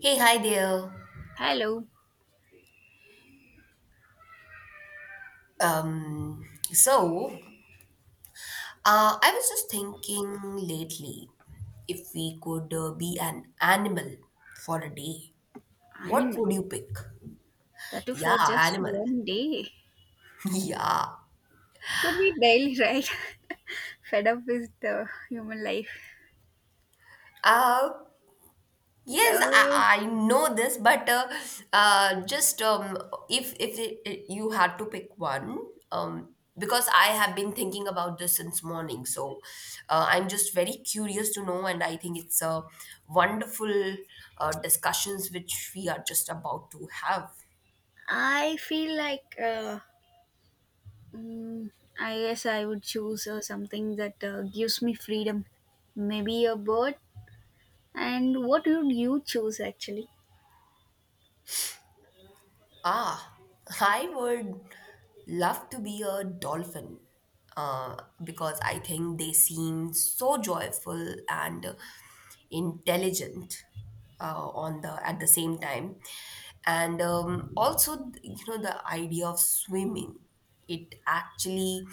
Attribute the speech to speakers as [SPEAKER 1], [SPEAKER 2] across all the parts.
[SPEAKER 1] Hey, hi there.
[SPEAKER 2] Hello,
[SPEAKER 1] Um, so I was just thinking lately if we could be an animal for a day, what
[SPEAKER 2] animal.
[SPEAKER 1] would you pick?
[SPEAKER 2] That too
[SPEAKER 1] Yeah,
[SPEAKER 2] for just
[SPEAKER 1] animal.
[SPEAKER 2] one day.
[SPEAKER 1] Yeah.
[SPEAKER 2] Could be daily, right? Fed up with the human life.
[SPEAKER 1] Uh, Yes,
[SPEAKER 2] Uh,
[SPEAKER 1] I know this, but just if it, it- you had to pick one, because I have been thinking about this since morning, so I'm just very curious to know, and I think it's a wonderful discussions which we are just about to have.
[SPEAKER 2] I feel like mm, I guess I would choose something that gives me freedom. Maybe a bird. And what would you choose actually?
[SPEAKER 1] Ah, I would love to be a dolphin uh, because I think they seem so joyful and intelligent on the at the same time, and also you know the idea of swimming. It actually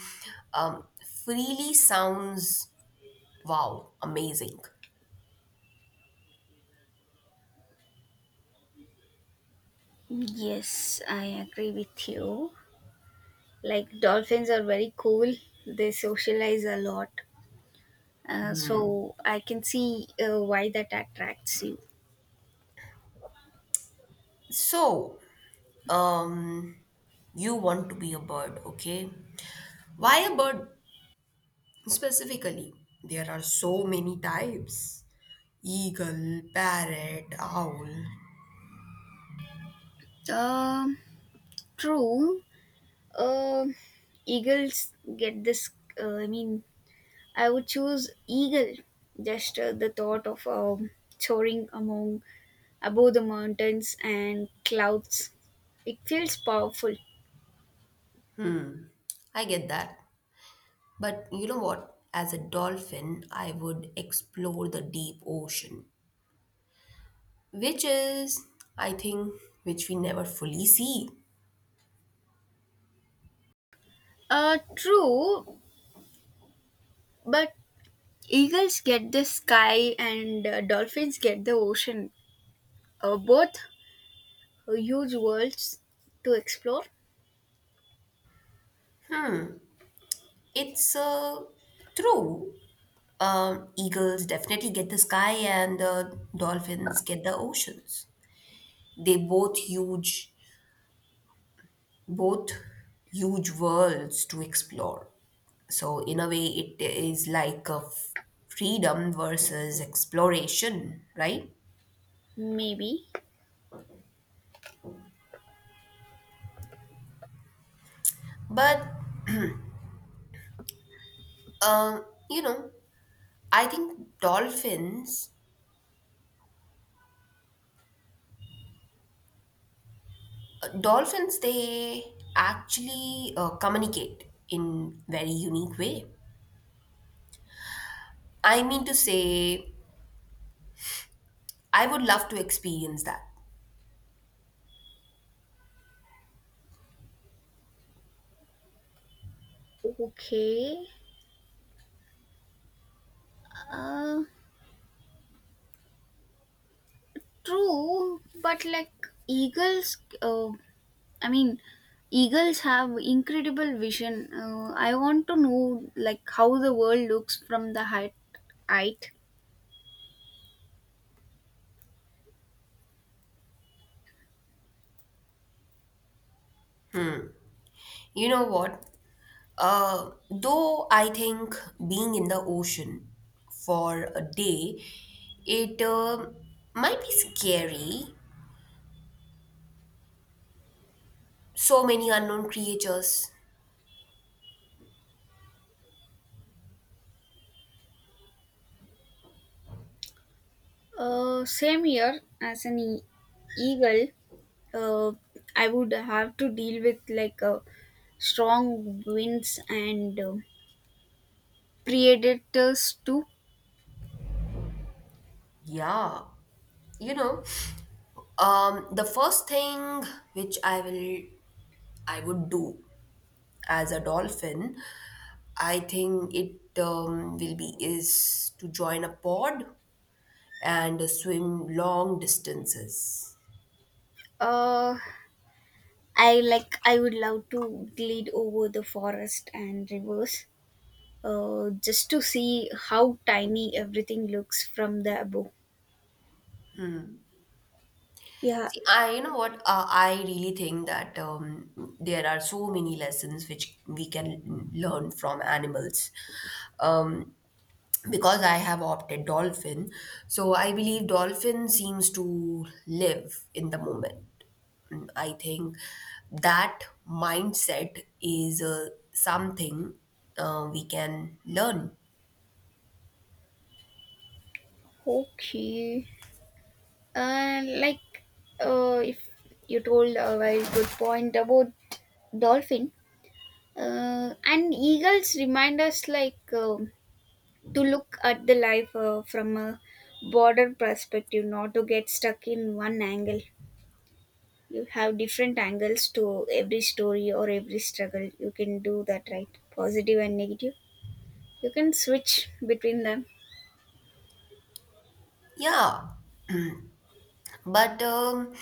[SPEAKER 1] um, freely sounds wow, amazing.
[SPEAKER 2] Yes, I agree with you. Like dolphins are very cool. They socialize a lot. So I can see why that attracts you.
[SPEAKER 1] So, um, you want to be a bird, okay? Why a bird? Specifically, there are so many types eagle, parrot, owl.
[SPEAKER 2] Um, True. Um Eagles get this. I mean, I would choose eagle. Just the thought of soaring among above the mountains and clouds. It feels powerful.
[SPEAKER 1] I get that. But you know what? As a dolphin, I would explore the deep ocean, which is, I think, which we never fully see.
[SPEAKER 2] True, but eagles get the sky, and dolphins get the ocean. Both huge worlds to explore,
[SPEAKER 1] It's true. Eagles definitely get the sky, and dolphins get the oceans. They both huge worlds to explore. So, in a way, it is like a freedom versus exploration, right?
[SPEAKER 2] maybe.
[SPEAKER 1] But, you know, I think dolphins, dolphins, they actually communicate in very unique way. I mean to say, I would love to experience that.
[SPEAKER 2] Okay. Uh, True, but like eagles, uh, I mean, eagles have incredible vision. I want to know like how the world looks from the height. Height.
[SPEAKER 1] You know what? Though I think being in the ocean for a day, it might be scary. So many unknown creatures.
[SPEAKER 2] Same here as an eagle. Uh, I would have to deal with like strong winds and predators too.
[SPEAKER 1] Yeah, you know. The first thing which I will I would do as a dolphin, I think it will be is to join a pod and swim long distances.
[SPEAKER 2] Uh, I would love to glide over the forest and rivers, just to see how tiny everything looks from the above. Yeah.
[SPEAKER 1] See, you know what? I really think that there are so many lessons which we can learn from animals. Um, because I have opted dolphin, so I believe dolphin seems to live in the moment. I think that mindset is something we can learn.
[SPEAKER 2] Okay. And like, if you told a very good point about dolphin and eagles remind us, like, to look at the life, from a broader perspective, not to get stuck in one angle. You have different angles to every story or every struggle. You can do that, right? Positive and negative, you can switch between them.
[SPEAKER 1] Yeah, but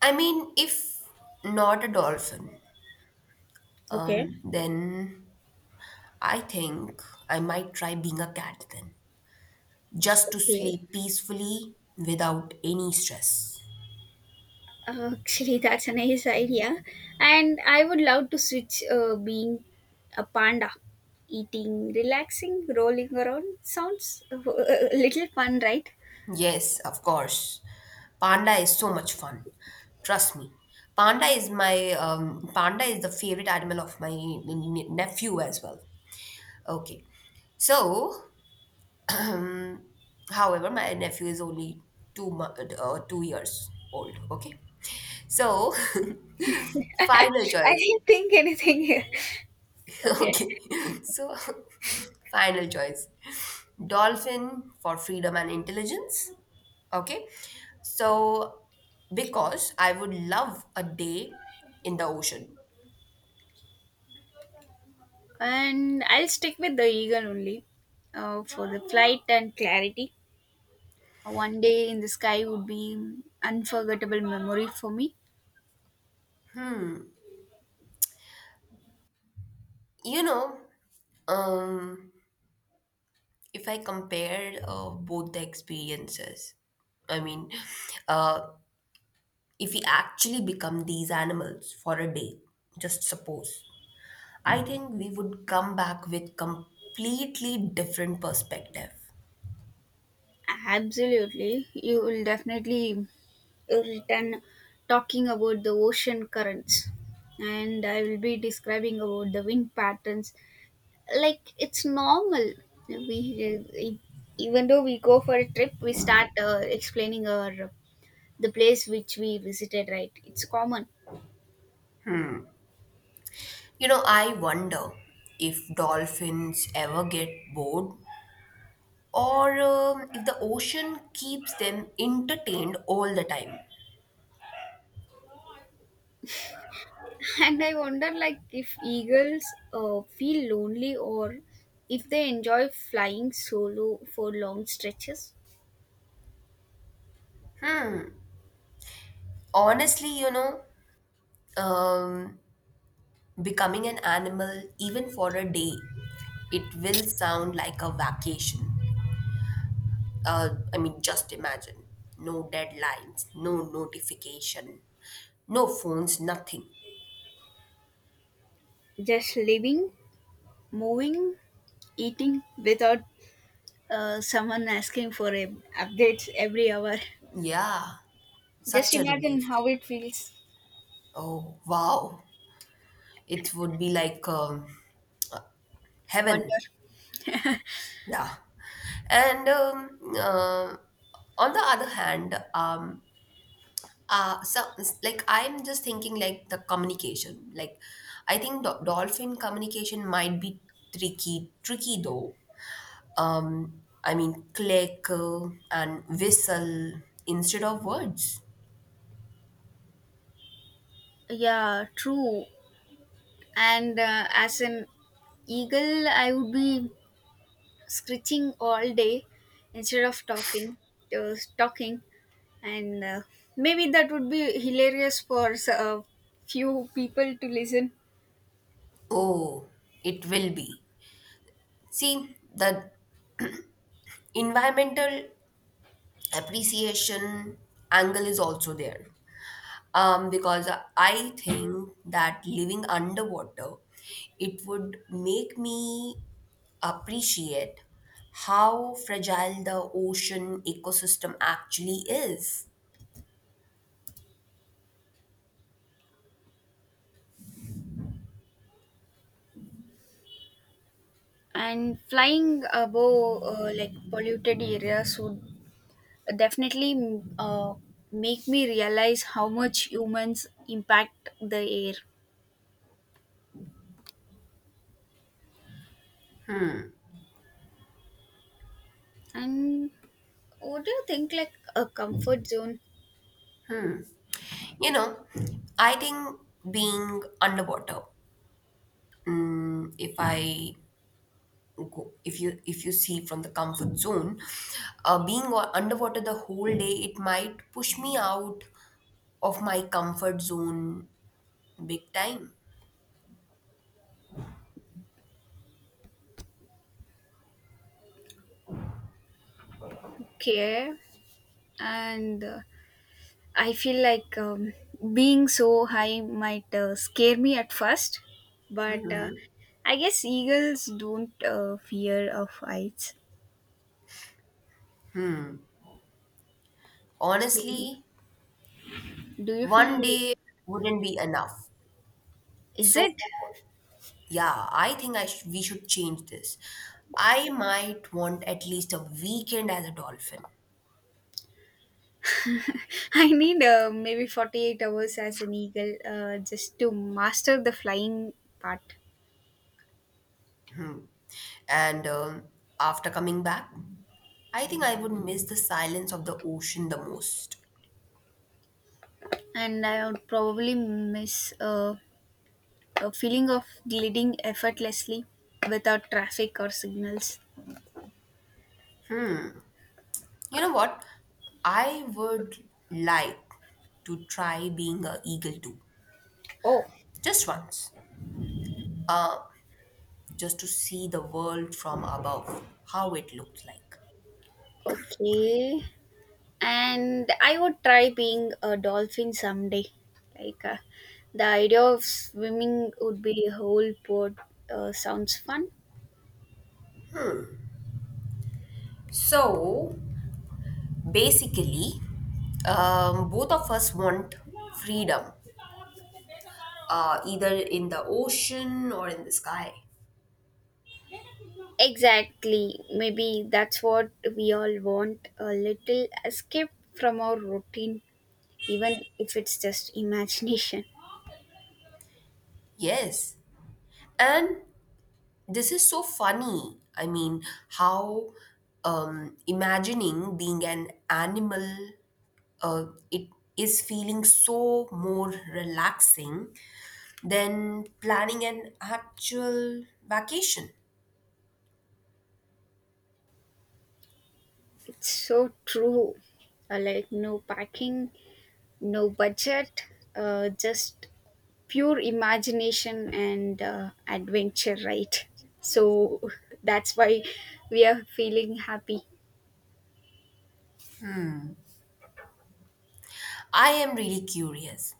[SPEAKER 1] I mean, if not a dolphin,
[SPEAKER 2] Okay.
[SPEAKER 1] then I think I might try being a cat then, just to
[SPEAKER 2] Okay.
[SPEAKER 1] sleep peacefully without any stress.
[SPEAKER 2] Actually, that's a nice idea, and I would love to switch being a panda. Eating, relaxing, rolling around sounds, a little fun, right?
[SPEAKER 1] Yes, of course. Panda is so much fun. Trust me. Panda is the favorite animal of my nephew as well. Okay. So, um, however, my nephew is only 2 years old. Okay. So, final
[SPEAKER 2] I
[SPEAKER 1] choice.
[SPEAKER 2] didn't think anything here. Okay.
[SPEAKER 1] Okay, so final choice dolphin for freedom and intelligence. Okay, so because I would love a day in the ocean.
[SPEAKER 2] And I'll stick with the eagle only, for the flight and clarity. One day in the sky would be unforgettable memory for me.
[SPEAKER 1] You know, um, if I compare both the experiences, I mean, uh, if we actually become these animals for a day, just suppose, I think we would come back with completely different perspective.
[SPEAKER 2] Absolutely. You will definitely return talking about the ocean currents. And I will be describing about the wind patterns. Like it's normal. We e, Even though we go for a trip, we start explaining our the place which we visited, right? It's common.
[SPEAKER 1] You know, I wonder if dolphins ever get bored or if the ocean keeps them entertained all the time.
[SPEAKER 2] And I wonder, like, if eagles feel lonely, or if they enjoy flying solo for long stretches.
[SPEAKER 1] Honestly, you know, um, becoming an animal, even for a day, it will sound like a vacation. I mean, just imagine no deadlines, no notification, no phones, nothing.
[SPEAKER 2] Just living, moving, eating without someone asking for updates every hour.
[SPEAKER 1] Yeah,
[SPEAKER 2] Just
[SPEAKER 1] such a
[SPEAKER 2] imagine
[SPEAKER 1] relief.
[SPEAKER 2] how it feels.
[SPEAKER 1] Oh, wow. It would be like heaven.
[SPEAKER 2] Wonder.
[SPEAKER 1] Yeah. And on the other hand, uh, so like I'm just thinking like the communication. Like I think dolphin communication might be tricky, tricky though. I mean, click and whistle instead of words.
[SPEAKER 2] Yeah, true. And as an eagle, I would be screeching all day instead of talking. And maybe that would be hilarious for a few people to listen.
[SPEAKER 1] Oh, it will be. See, the environmental appreciation angle is also there. Because I think that living underwater, it would make me appreciate how fragile the ocean ecosystem actually is.
[SPEAKER 2] And flying above, like polluted areas would definitely make me realize how much humans impact the air. And what do you think, like, a comfort zone?
[SPEAKER 1] You know, I think being underwater, if I go, if you see from the comfort zone, being underwater the whole day, it might push me out of my comfort zone big time.
[SPEAKER 2] Care. And I feel like, being so high might scare me at first, but I guess eagles don't fear of heights. So,
[SPEAKER 1] Honestly,
[SPEAKER 2] do you feel
[SPEAKER 1] one
[SPEAKER 2] like,
[SPEAKER 1] day wouldn't be enough.
[SPEAKER 2] is
[SPEAKER 1] So,
[SPEAKER 2] it?
[SPEAKER 1] yeah, I think we should change this. I might want at least a weekend as a dolphin.
[SPEAKER 2] I need, maybe 48 hours as an eagle, just to master the flying part.
[SPEAKER 1] Hmm. And after coming back, I think I would miss the silence of the ocean the most.
[SPEAKER 2] And I would probably miss, a feeling of gliding effortlessly without traffic or signals.
[SPEAKER 1] You know what? I would like to try being an eagle too,
[SPEAKER 2] Oh,
[SPEAKER 1] just once, uh, just to see the world from above, how it looks like.
[SPEAKER 2] okay. And I would try being a dolphin someday. Like, the idea of swimming would be a whole port, sounds fun.
[SPEAKER 1] So basically, both of us want freedom, either in the ocean or in the sky.
[SPEAKER 2] Exactly. Maybe that's what we all want, a little escape from our routine, even if it's just imagination.
[SPEAKER 1] Yes. And this is so funny. I mean, how imagining being an animal, it is feeling so more relaxing than planning an actual vacation.
[SPEAKER 2] It's so true. Like, no packing, no budget, just pure imagination and adventure, right? So, that's why we are feeling happy.
[SPEAKER 1] I am really curious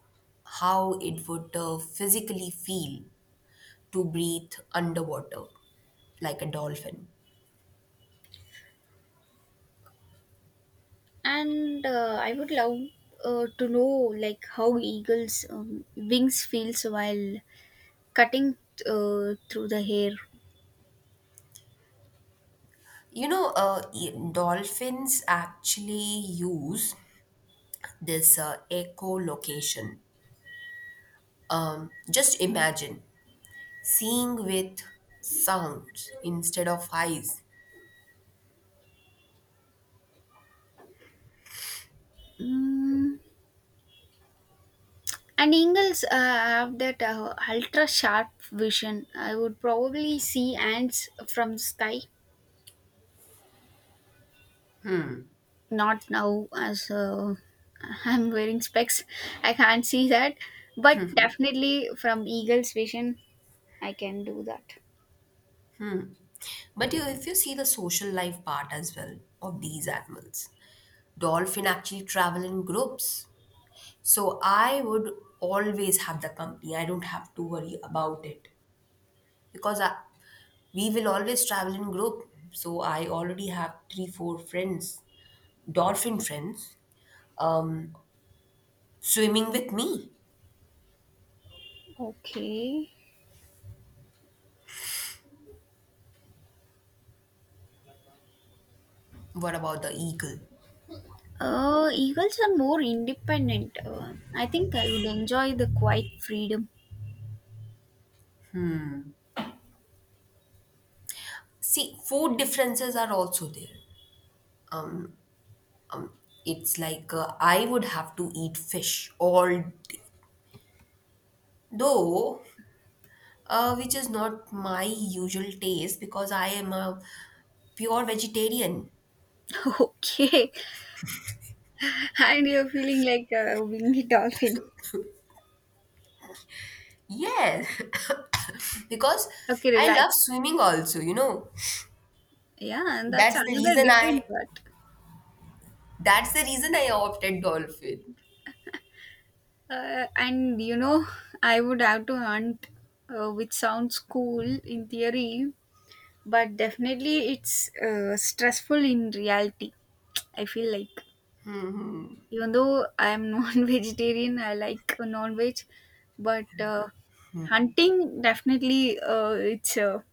[SPEAKER 1] how it would physically feel to breathe underwater like a dolphin.
[SPEAKER 2] And I would love, to know, like, how eagles' wings feels while cutting, through the hair.
[SPEAKER 1] You know, dolphins actually use this echolocation. Just imagine seeing with sounds instead of eyes.
[SPEAKER 2] Mm. And eagles have that ultra sharp vision. I would probably see ants from sky, not now as I'm wearing specs, I can't see that. But definitely from eagles vision I can do that.
[SPEAKER 1] But you, if you see the social life part as well of these animals, dolphin actually travel in groups. So I would always have the company. I don't have to worry about it because we will always travel in group. So I already have three, four friends dolphin friends um, swimming with me.
[SPEAKER 2] Okay.
[SPEAKER 1] What about the eagle?
[SPEAKER 2] Eagles are more independent. I think I would enjoy the quiet freedom.
[SPEAKER 1] See, food differences are also there. It's like I would have to eat fish, although which is not my usual taste because I am a pure vegetarian.
[SPEAKER 2] Okay. And you're feeling like a winged dolphin.
[SPEAKER 1] Yes, because
[SPEAKER 2] Okay,
[SPEAKER 1] I love
[SPEAKER 2] relax.
[SPEAKER 1] swimming also. You know,
[SPEAKER 2] Yeah, and that's
[SPEAKER 1] that's the
[SPEAKER 2] another
[SPEAKER 1] reason I
[SPEAKER 2] different part.
[SPEAKER 1] that's the reason I opted dolphin.
[SPEAKER 2] And, I would have to hunt, which sounds cool in theory, but definitely it's stressful in reality. I feel like, even though I am non-vegetarian, I like non-veg. But hunting definitely, it's a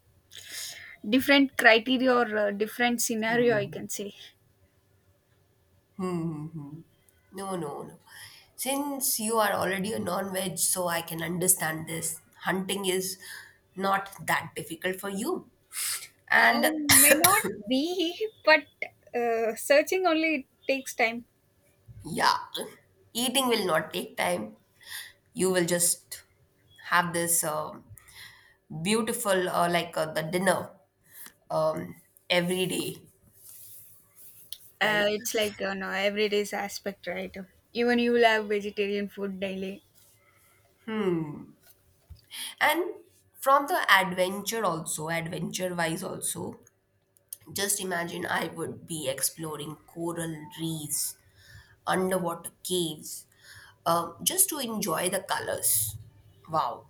[SPEAKER 2] different criteria, or different scenario, I
[SPEAKER 1] Hmm.
[SPEAKER 2] can say.
[SPEAKER 1] Mm-hmm. No, no, no. Since you are already a non veg, so I can understand this. Hunting is not that difficult for you. And
[SPEAKER 2] I may not be, but searching only takes time.
[SPEAKER 1] yeah, eating will not take time. You will just have this beautiful, like the dinner um, every day, right?
[SPEAKER 2] It's like, no everyday's aspect, right? Even you will have vegetarian food daily.
[SPEAKER 1] And from the adventure, also, adventure wise, also, just imagine I would be exploring coral reefs underwater caves just to enjoy the colors. Wow.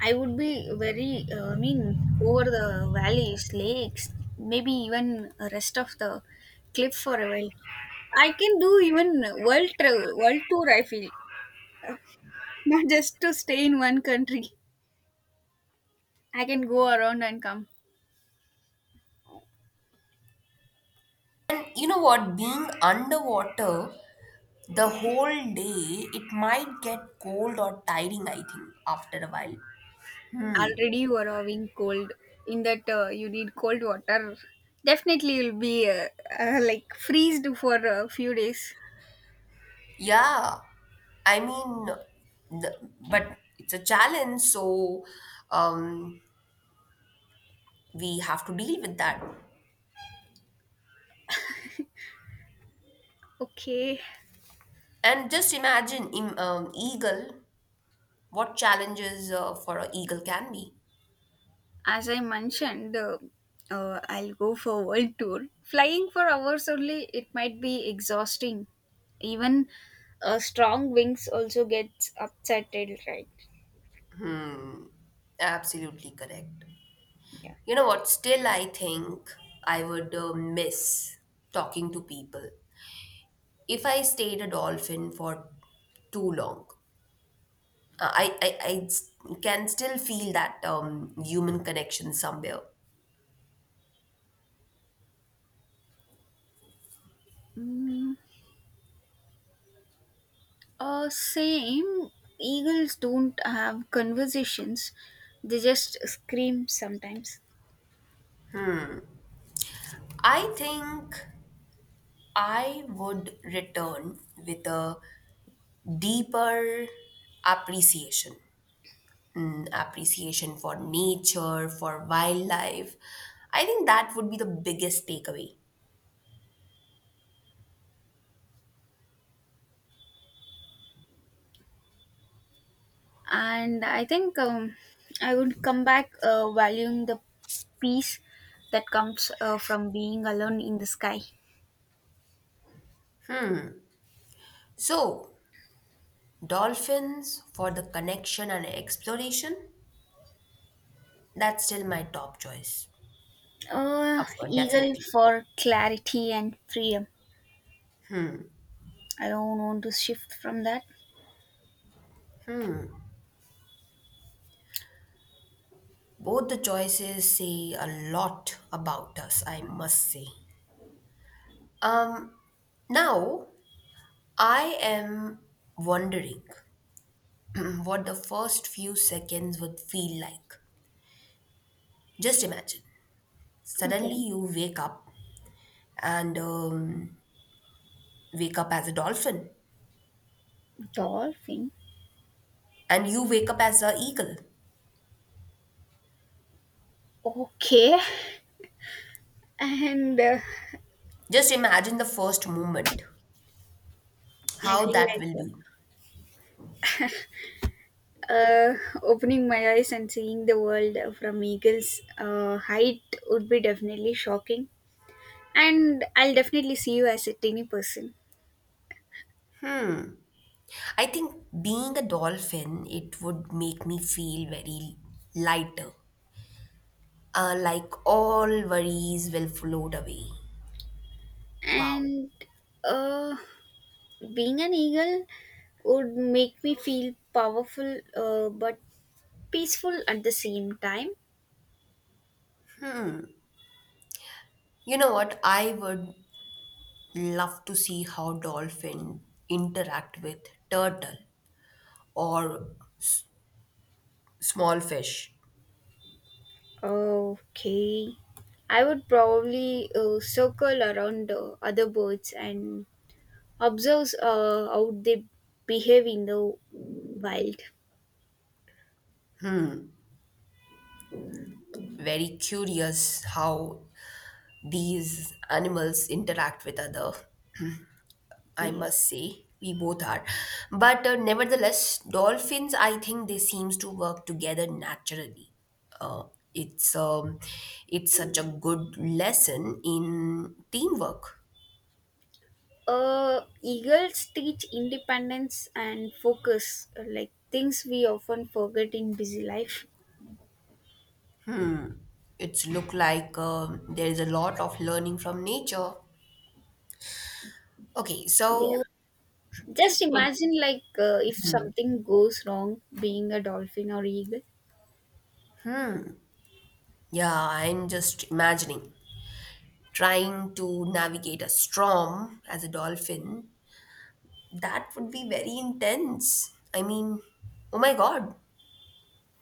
[SPEAKER 2] I would be very, I mean, over the valleys, lakes, maybe even rest of the cliff for a while. I can do even world travel, world tour. I feel not just to stay in one country. I can go around and come.
[SPEAKER 1] And you know what? Being underwater the
[SPEAKER 2] Yes,
[SPEAKER 1] whole day, it might get cold or tiring, I think, after a while.
[SPEAKER 2] already you are having cold. In that, you need cold water. Definitely, you'll be like freezed for a few days.
[SPEAKER 1] Yeah, I mean, but it's a challenge, so um, we have to deal with that.
[SPEAKER 2] Okay.
[SPEAKER 1] And just imagine, eagle, what challenges for an eagle can be.
[SPEAKER 2] As I mentioned, I'll go for world tour. Flying for hours only, it might be exhausting. Even, strong wings also gets upsetted, right?
[SPEAKER 1] Hmm, absolutely correct.
[SPEAKER 2] Yeah.
[SPEAKER 1] You know what? Still, I think I would miss talking to people. If I stayed a dolphin for too long, uh, I, I, I s- can still feel that human connection somewhere.
[SPEAKER 2] Mm, same. Eagles don't have conversations; they just scream sometimes.
[SPEAKER 1] I think I would return with a deeper appreciation. Appreciation for nature, for wildlife. I think that would be the biggest takeaway.
[SPEAKER 2] And I think, I would come back, valuing the peace that comes, from being alone in the sky.
[SPEAKER 1] So, dolphins for the connection and exploration, that's still my top choice. Of course,
[SPEAKER 2] Eagle
[SPEAKER 1] definitely.
[SPEAKER 2] for clarity and freedom. I don't want to shift from that.
[SPEAKER 1] Both the choices say a lot about us, I must say. Um, Now I am wondering what the first few seconds would feel like. Just imagine. Suddenly
[SPEAKER 2] Okay.
[SPEAKER 1] you wake up and wake up as a dolphin
[SPEAKER 2] Dolphin.
[SPEAKER 1] and you wake up as a eagle.
[SPEAKER 2] Okay. And
[SPEAKER 1] Just imagine the first moment,
[SPEAKER 2] I
[SPEAKER 1] how
[SPEAKER 2] feel
[SPEAKER 1] that will
[SPEAKER 2] like
[SPEAKER 1] be.
[SPEAKER 2] uh, uh, opening my eyes and seeing the world from eagle's height would be definitely shocking. And I'll definitely see you as a tiny person.
[SPEAKER 1] I think being a dolphin, it would make me feel very lighter. Like all worries will float away. Wow.
[SPEAKER 2] And uh, being an eagle would make me feel powerful, but peaceful at the same time.
[SPEAKER 1] You know what? I would love to see how dolphin interact with turtle or small fish.
[SPEAKER 2] Okay. I would probably circle around other birds and observe how they behave in the wild.
[SPEAKER 1] Very curious how these animals interact with other. I must
[SPEAKER 2] Yes.
[SPEAKER 1] say we both are. But nevertheless, dolphins, I think they seems to work together naturally. Uh, it's um, it's such a good lesson in teamwork.
[SPEAKER 2] Eagles teach independence and focus, like things we often forget in busy life.
[SPEAKER 1] It's look like there is a lot of learning from nature. Okay,
[SPEAKER 2] Yeah.
[SPEAKER 1] so just
[SPEAKER 2] Just
[SPEAKER 1] im-
[SPEAKER 2] imagine, like, if something goes wrong being a dolphin or eagle.
[SPEAKER 1] yeah, I'm just imagining trying to navigate a storm as a dolphin. That would be very intense. I mean, oh my God.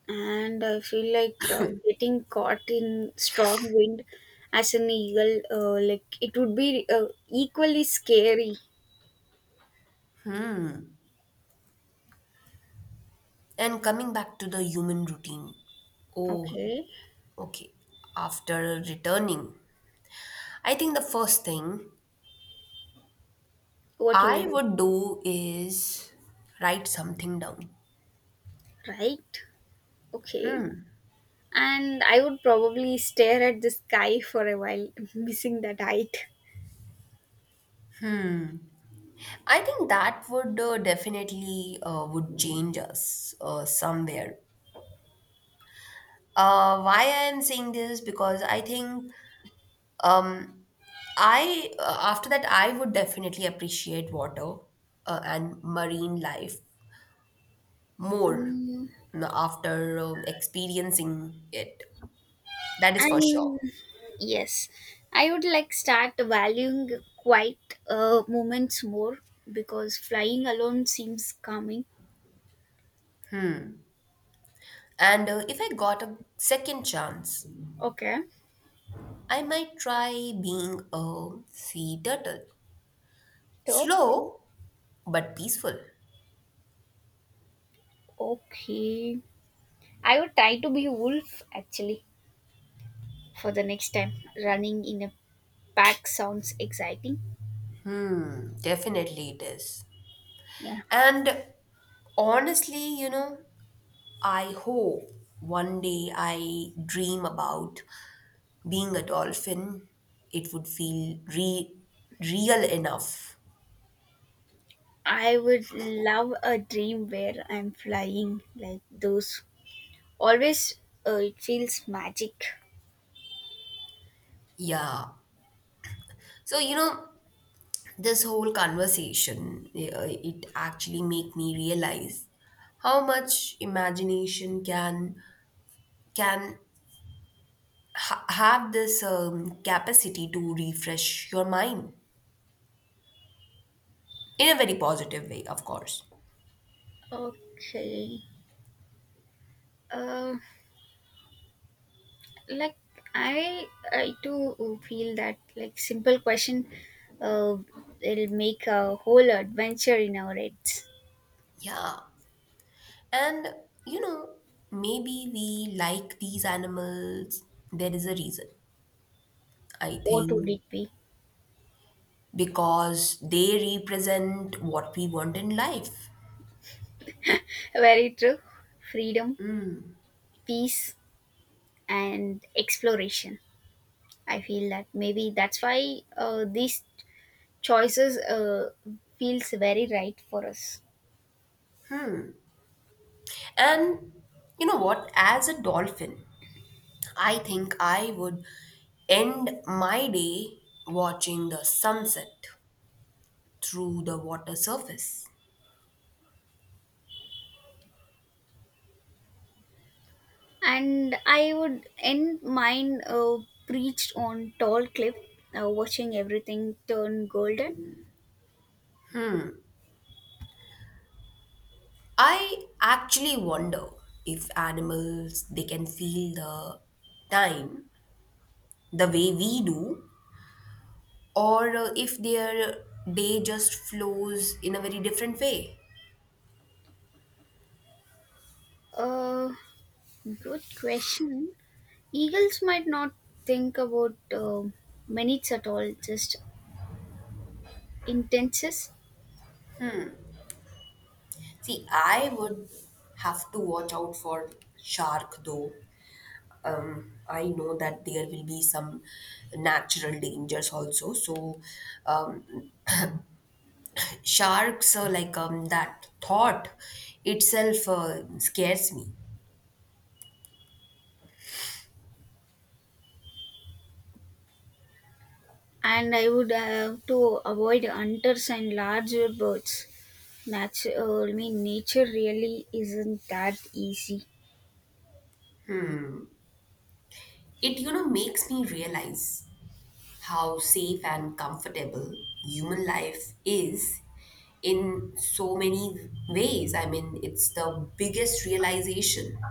[SPEAKER 2] And I feel like getting caught in strong wind as an eagle, like it would be equally scary.
[SPEAKER 1] And coming back to the human routine. Oh,
[SPEAKER 2] Okay,
[SPEAKER 1] okay. After returning, I think the first thing
[SPEAKER 2] what you will
[SPEAKER 1] I
[SPEAKER 2] do,
[SPEAKER 1] would do is write something down.
[SPEAKER 2] right? Okay, and I would probably stare at the sky for a while, missing that height.
[SPEAKER 1] I think that would definitely would change us somewhere. Why I am saying this because I think um, I after that I would definitely appreciate water and marine life more
[SPEAKER 2] Mm,
[SPEAKER 1] after experiencing it. That is for sure.
[SPEAKER 2] and yes, I would like start valuing quiet, moments more because flying alone seems calming.
[SPEAKER 1] And if I got a second chance,
[SPEAKER 2] Okay.
[SPEAKER 1] I might try being a sea turtle.
[SPEAKER 2] Total.
[SPEAKER 1] Slow but peaceful.
[SPEAKER 2] Okay. I would try to be a wolf actually for the next time. Running in a pack sounds exciting.
[SPEAKER 1] Hmm, definitely it is.
[SPEAKER 2] Yeah.
[SPEAKER 1] And honestly, you know, I hope one day I dream about being a dolphin. It would feel real enough.
[SPEAKER 2] I would love a dream where I'm flying like those. Always it feels magic.
[SPEAKER 1] Yeah. So, you know, this whole conversation it actually make me realize how much imagination can have this capacity to refresh your mind in a very positive way, of course.
[SPEAKER 2] Okay. Uh, like, I I do feel that, like, simple question, uh, it'll make a whole adventure in our heads.
[SPEAKER 1] Yeah, and you know, maybe we like these animals. There is a reason, I
[SPEAKER 2] What would
[SPEAKER 1] think,
[SPEAKER 2] it be?
[SPEAKER 1] because they represent what we want in life.
[SPEAKER 2] Very true. Freedom, peace, and exploration. I feel that maybe that's why these choices feels very right for us.
[SPEAKER 1] And you know what, as a dolphin, I think I would end my day watching the sunset through the water surface.
[SPEAKER 2] And I would end mine, preached on tall cliff, watching everything turn golden.
[SPEAKER 1] I actually wonder if animals they can feel the time the way we do, or if their day just flows in a very different way.
[SPEAKER 2] uh, Good question. Eagles might not think about minutes at all, just intenses.
[SPEAKER 1] See, I would have to watch out for shark though. I know that there will be some natural dangers also. So, um, sharks, like that thought itself scares me.
[SPEAKER 2] And I would have to avoid hunters and larger birds. Natural, I mean, nature really isn't that easy.
[SPEAKER 1] It, you know, makes me realize how safe and comfortable human life is in so many ways. I mean, it's the biggest realization.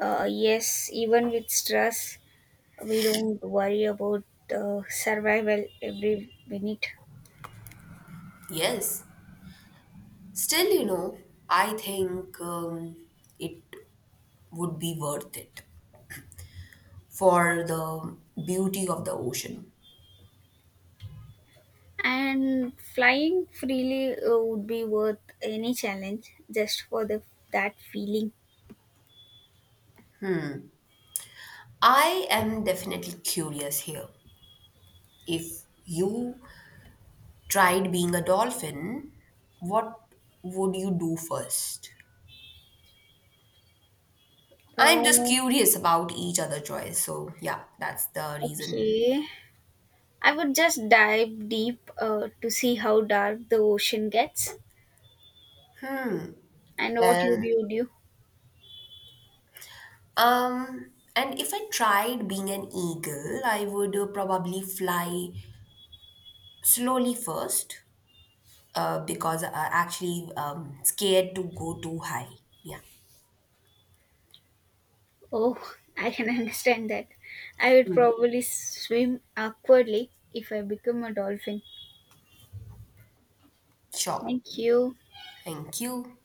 [SPEAKER 2] Yes, even with stress, we don't worry about survival every minute.
[SPEAKER 1] Yes. Still, you know, I think it would be worth it for the beauty of the ocean.
[SPEAKER 2] And flying freely would be worth any challenge just for the that feeling.
[SPEAKER 1] I am definitely curious here. If you tried being a dolphin, what would you do first? I'm just
[SPEAKER 2] Oh,
[SPEAKER 1] curious about each other choice. So yeah, that's the reason.
[SPEAKER 2] okay. I would just dive deep to see how dark the ocean gets. And what would
[SPEAKER 1] And
[SPEAKER 2] you do?
[SPEAKER 1] and if I tried being an eagle, I would probably fly slowly first because I actually scared to go too high. Yeah,
[SPEAKER 2] Oh, I can understand that. I would probably swim awkwardly if I become a dolphin.
[SPEAKER 1] sure.
[SPEAKER 2] Thank you.
[SPEAKER 1] Thank you.